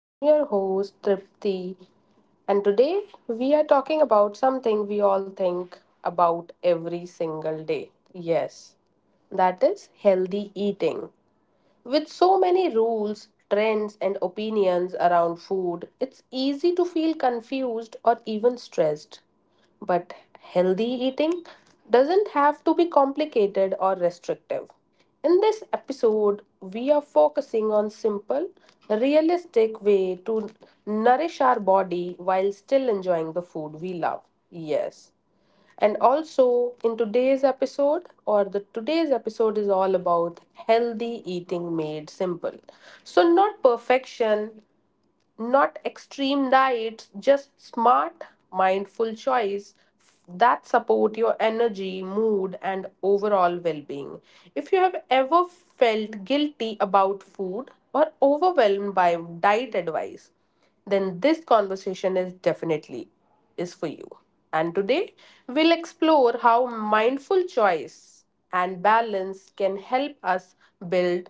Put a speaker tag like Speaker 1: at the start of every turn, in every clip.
Speaker 1: I'm your host, Tripti, and today we are talking about something we all think about every single day. Yes, that is healthy eating. With so many rules, trends, and opinions around food, it's easy to feel confused or even stressed. But healthy eating doesn't have to be complicated or restrictive. In this episode, we are focusing on simple, realistic way to nourish our body while still enjoying the food we love. Yes. And also in today's episode or the today's episode is all about healthy eating made simple. So not perfection not extreme diets, just smart, mindful choice that support your energy, mood and overall well-being. If you have ever felt guilty about food or overwhelmed by diet advice, then this conversation is definitely is for you. And today we'll explore how mindful choice and balance can help us build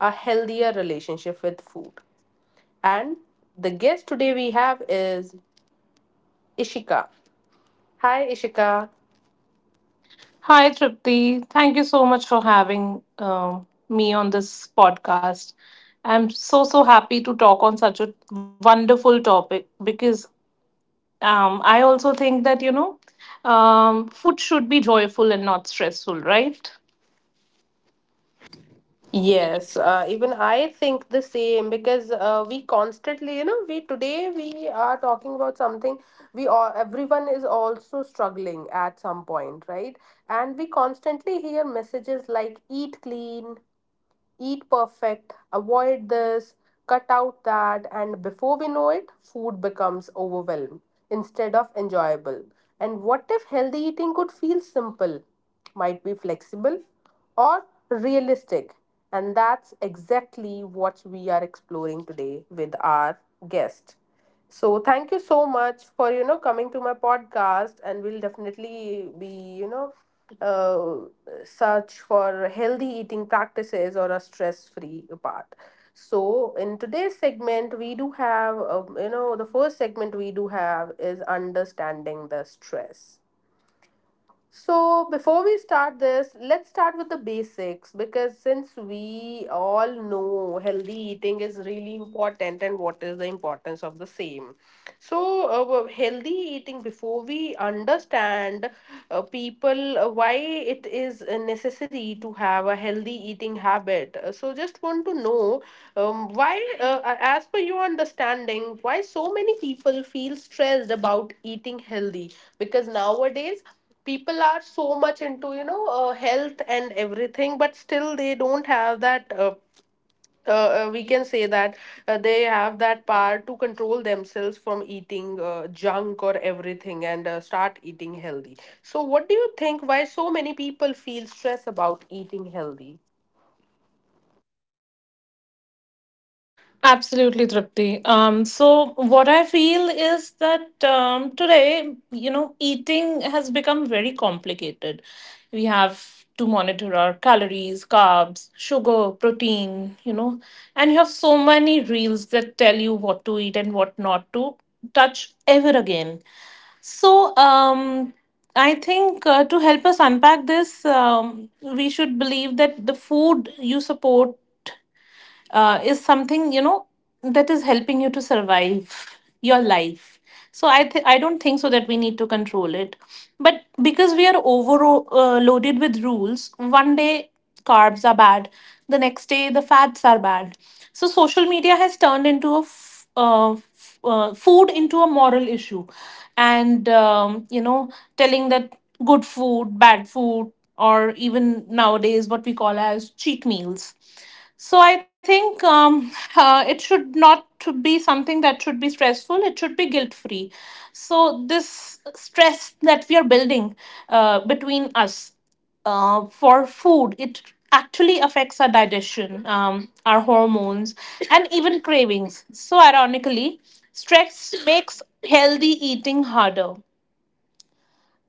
Speaker 1: a healthier relationship with food. And the guest today we have is Ishika. Hi, Ishika.
Speaker 2: Hi, Tripti. Thank you so much for having um me on this podcast. I'm so, so happy to talk on such a wonderful topic because I also think that, you know, food should be joyful and not stressful.
Speaker 1: Yes, even I think the same because we constantly, you know, we today we are talking about something we all everyone is also struggling at some point, right? And we constantly hear messages like eat clean, eat perfect, avoid this, cut out that, and before we know it, food becomes overwhelmed instead of enjoyable. And what if healthy eating could feel simple, might be flexible, or realistic? And that's exactly what we are exploring today with our guest. So thank you so much for you know coming to my podcast, and we'll definitely be you know search for healthy eating practices or a stress free part. So in today's segment, we do have you know the first segment we do have is understanding the stress. So, before we start this, let's start with the basics because since we all know healthy eating is really important and what is the importance of the same. So, healthy eating, before we understand people why it is necessary to have a healthy eating habit, so just want to know why, as per your understanding, why so many people feel stressed about eating healthy because nowadays people are so much into you know health and everything but still they don't have that we can say that they have that power to control themselves from eating junk or everything and start eating healthy so what do you think why so many people feel stress about eating healthy.
Speaker 2: Absolutely, Tripti. So what I feel is that today, you know, eating has become very complicated. We have to monitor our calories, carbs, sugar, protein, you know, and you have so many reels that tell you what to eat and what not to touch ever again. So I think to help us unpack this, we should believe that the food you support is something, you know, that is helping you to survive your life. So I don't think so that we need to control it, but because we are overloaded with rules. One day carbs are bad, the next day the fats are bad. So social media has turned into a f- f- food into a moral issue and, you know, telling that good food, bad food, or even nowadays what we call as cheat meals. So I think it should not be something that should be stressful. It should be guilt free. So this stress that we are building between us for food, it actually affects our digestion, our hormones, and even cravings. So ironically, stress makes healthy eating harder.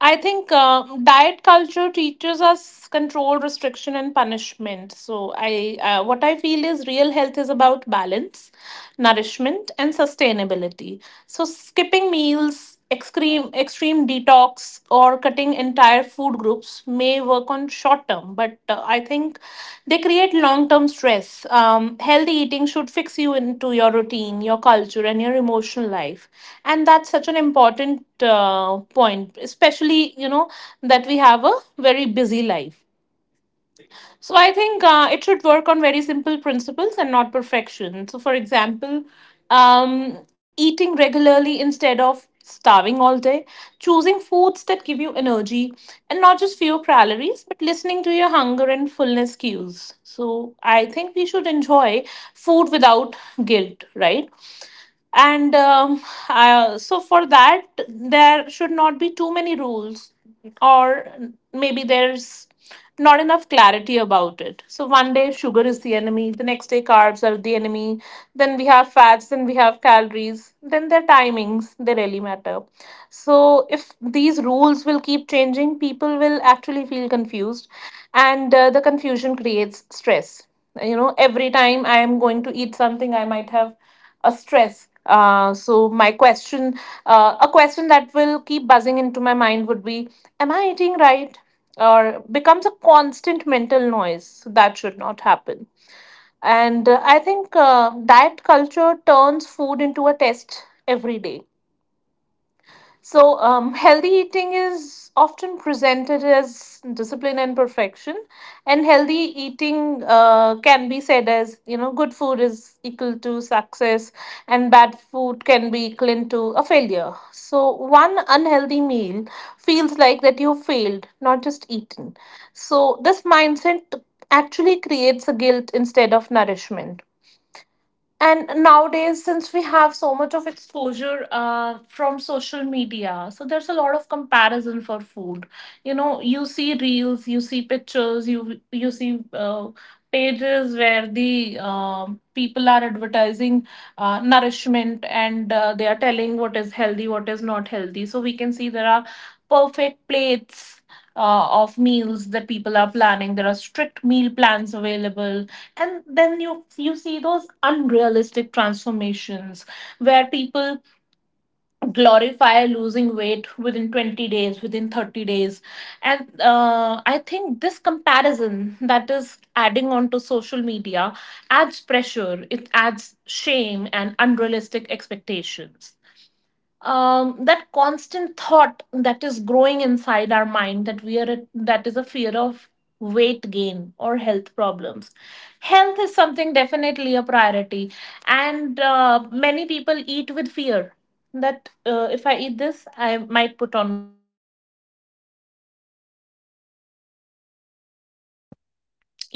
Speaker 2: I think diet culture teaches us control, restriction, and punishment. So, I what I feel is real health is about balance, nourishment, and sustainability. So, skipping meals, extreme detox, or cutting entire food groups may work on short term, but I think they create long term stress. Healthy eating should fix you into your routine, your culture, and your emotional life. And that's such an important point, especially, you know, that we have a very busy life. So I think it should work on very simple principles and not perfection. So, for example, eating regularly instead of starving all day, choosing foods that give you energy and not just few calories, but listening to your hunger and fullness cues. So I think we should enjoy food without guilt, right? And so for that there should not be too many rules, or maybe there's not enough clarity about it. So one day sugar is the enemy, the next day carbs are the enemy, then we have fats, then we have calories, then their timings, they really matter. So if these rules will keep changing, people will actually feel confused, and the confusion creates stress. You know, every time I am going to eat something, I might have a stress. So my question, a question that will keep buzzing into my mind would be, am I eating right? Or becomes a constant mental noise. So that should not happen. And I think diet culture turns food into a test every day. So, healthy eating is often presented as discipline and perfection, and healthy eating can be said as, you know, good food is equal to success, and bad food can be equal to a failure. So, one unhealthy meal feels like that you failed, not just eaten. So, this mindset actually creates a guilt instead of nourishment. And nowadays, since we have so much of exposure from social media, so there's a lot of comparison for food. You know, you see reels, you see pictures, you see pages where the people are advertising nourishment, and they are telling what is healthy, what is not healthy. So we can see there are perfect plates. Of meals that people are planning. There are strict meal plans available, and then you see those unrealistic transformations where people glorify losing weight within 20 days, within 30 days. And I think this comparison that is adding on to social media adds pressure, it adds shame and unrealistic expectations. Um, that constant thought that is growing inside our mind, that we are at, that is a fear of weight gain or health problems. Health is something definitely a priority, and many people eat with fear that if I eat this I might put on,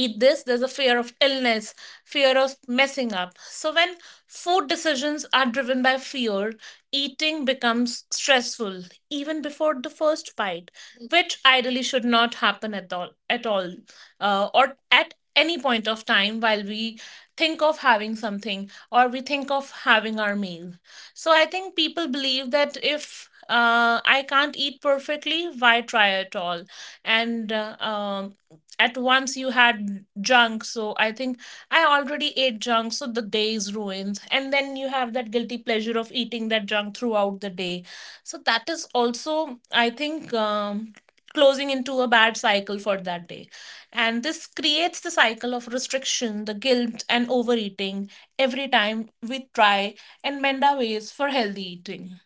Speaker 2: eat this, there's a fear of illness, fear of messing up. So when food decisions are driven by fear, eating becomes stressful even before the first bite, which ideally should not happen at all, or at any point of time while we think of having something or we think of having our meal. So I think people believe that if I can't eat perfectly, why try at all? And At once you had junk, so I think I already ate junk, so the day is ruined. And then you have that guilty pleasure of eating that junk throughout the day. So that is also, I think, closing into a bad cycle for that day. And this creates the cycle of restriction, the guilt, and overeating every time we try and mend our ways for healthy eating.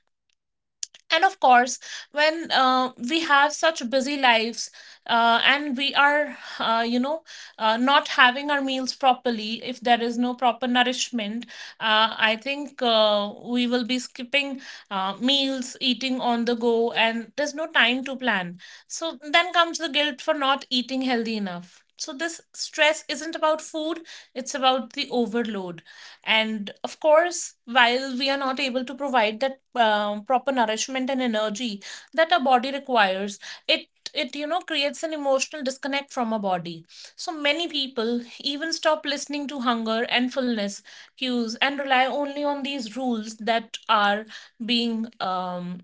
Speaker 2: And of course, when we have such busy lives, and we are, you know, not having our meals properly, if there is no proper nourishment, I think we will be skipping meals, eating on the go, and there's no time to plan. So then comes the guilt for not eating healthy enough. So this stress isn't about food, it's about the overload. And of course, while we are not able to provide that, proper nourishment and energy that our body requires, it it you know creates an emotional disconnect from our body. So many people even stop listening to hunger and fullness cues and rely only on these rules that are being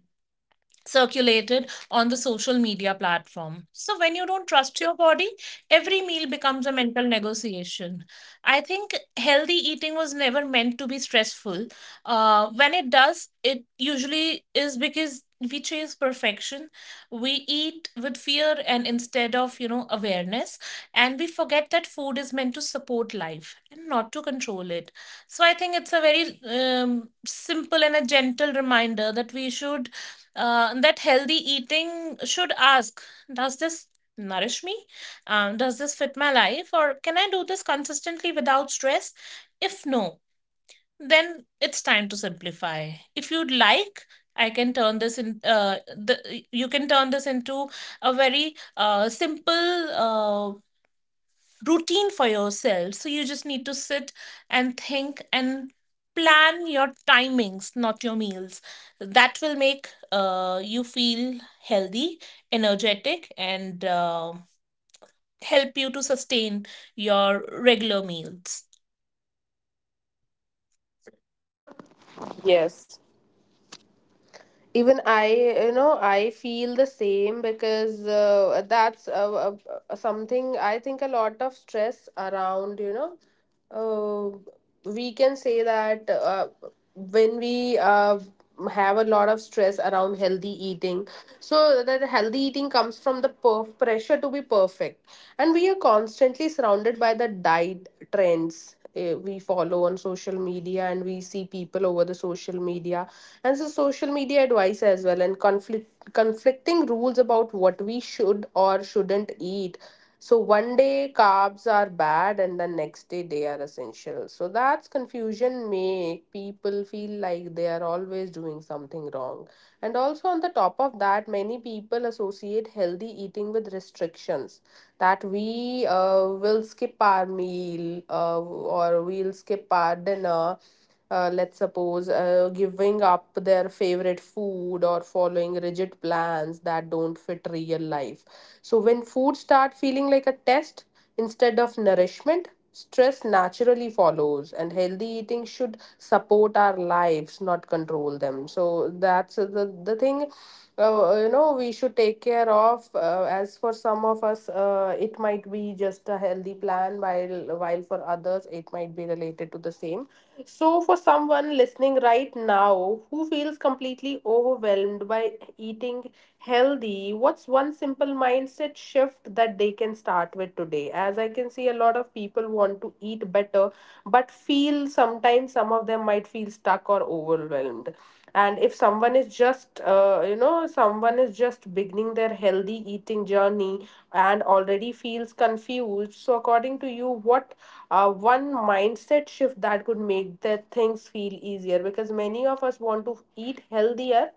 Speaker 2: circulated on the social media platform. So, when you don't trust your body, every meal becomes a mental negotiation. I think healthy eating was never meant to be stressful. When it does, it usually is because we chase perfection, we eat with fear and instead of, you know, awareness, and we forget that food is meant to support life and not to control it. So I think it's a very, simple and a gentle reminder that we should, that healthy eating should ask, does this nourish me, does this fit my life, or can I do this consistently without stress? If no, then it's time to simplify. If you'd like, I can turn this in the, you can turn this into a very, simple routine for yourself. So you just need to sit and think and plan your timings, not your meals. That will make you feel healthy, energetic, and help you to sustain your regular meals.
Speaker 1: Yes. Even I you know I feel the same because that's something I think a lot of stress around you know uh, we can say that when we have a lot of stress around healthy eating so that healthy eating comes from the pressure to be perfect and we are constantly surrounded by the diet trends we follow on social media and we see people over the social media and so social media advice as well and conflicting rules about what we should or shouldn't eat. So one day carbs are bad and the next day they are essential, so that's confusion make people feel like they are always doing something wrong. And also on the top of that many people associate healthy eating with restrictions, that we will skip our meal or we'll skip our dinner, let's suppose giving up their favorite food or following rigid plans that don't fit real life. So when food start feeling like a test instead of nourishment, stress naturally follows, and healthy eating should support our lives, not control them. So that's the thing, you know, we should take care of. As for some of us, it might be just a healthy plan, while for others, it might be related to the same. So, for someone listening right now who feels completely overwhelmed by eating healthy, what's one simple mindset shift that they can start with today? As I can see, a lot of people want to eat better, but feel sometimes some of them might feel stuck or overwhelmed. And if someone is just you know someone is just beginning their healthy eating journey and already feels confused, so according to you what one mindset shift that could make their things feel easier? Because many of us want to eat healthier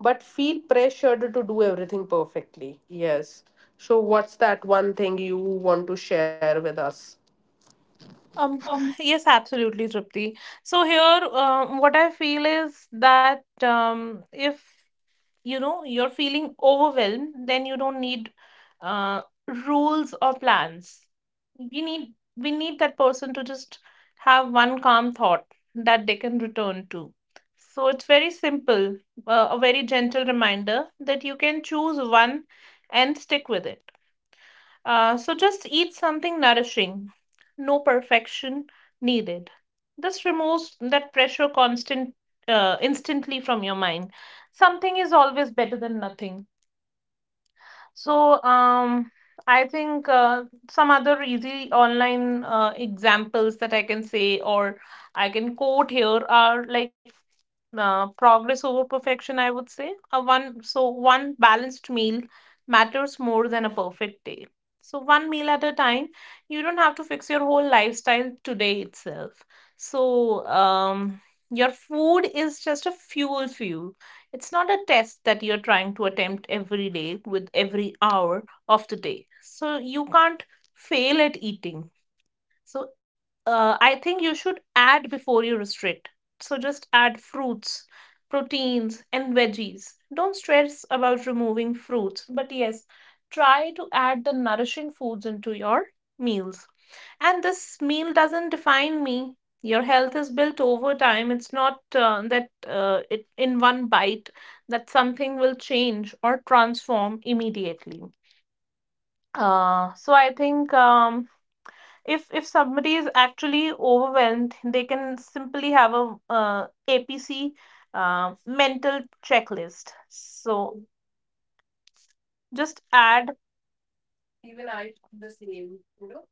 Speaker 1: but feel pressured to do everything perfectly. Yes, so what's that one thing you want to share with us?
Speaker 2: Um, yes, absolutely, Tripti. So here, what I feel is that if you know you're feeling overwhelmed, then you don't need uh, rules or plans. We need we need that person to just have one calm thought that they can return to. So it's very simple, a very gentle reminder that you can choose one and stick with it. So just eat something nourishing. No perfection needed. This removes that pressure constant instantly from your mind. Something is always better than nothing. So, I think some other easy online examples that I can say or I can quote here are like progress over perfection, I would say. A one so one balanced meal matters more than a perfect day. So one meal at a time, you don't have to fix your whole lifestyle today itself. So, your food is just a fuel for you, it's not a test that you're trying to attempt every day with every hour of the day. So you can't fail at eating. So I think you should add before you restrict. So just add fruits, proteins, and veggies. Don't stress about removing fruits, but yes, try to add the nourishing foods into your meals. And this meal doesn't define me. Your health is built over time. It's not that it in one bite that something will change or transform immediately. So I think, if somebody is actually overwhelmed, they can simply have a, APC mental checklist. So just add.
Speaker 1: Yeah, even I feel the same, you know.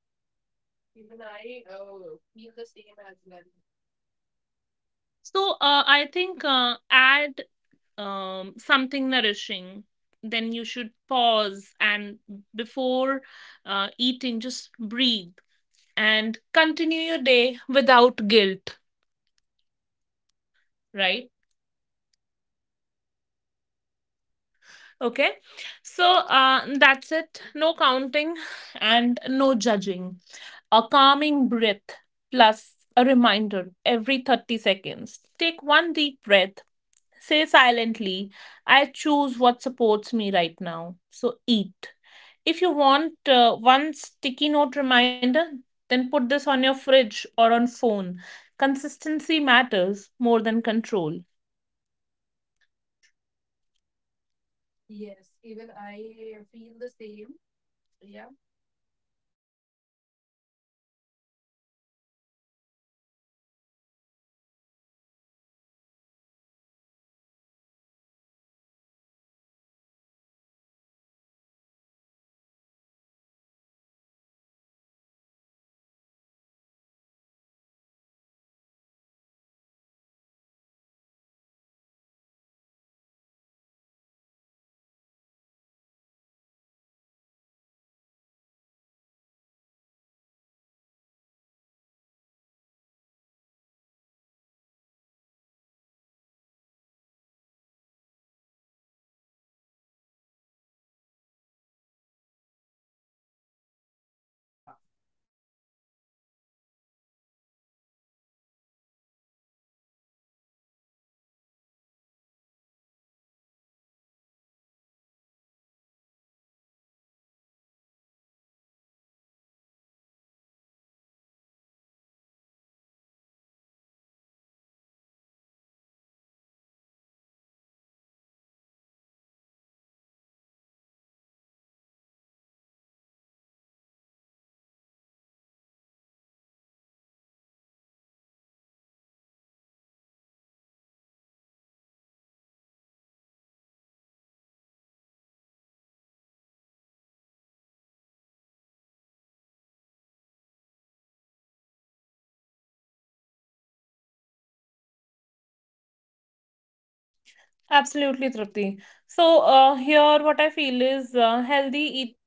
Speaker 1: Even I feel the same as well.
Speaker 2: So I think add, something nourishing, then you should pause, and before eating just breathe and continue your day without guilt, right? Okay, so that's it. No counting and no judging. A calming breath plus a reminder. Every 30 seconds take one deep breath, say silently, I choose what supports me right now, so eat. If you want one sticky note reminder, then put this on your fridge or on phone. Consistency matters more than control.
Speaker 1: Yes, even I feel the same. Yeah, yeah. Even I believe what I feel is a lot more people, you know, also since we are, you know, move at this point. So let's talk about some of the misconceptions about food. And Because people nowadays they do have a lot of myths that actually make healthy eating more stressful than it needs to be. And I think the simplest and the most powerful mindset shift is moving from perfection to progress, so
Speaker 2: Absolutely, Tripti. So here, what I feel is healthy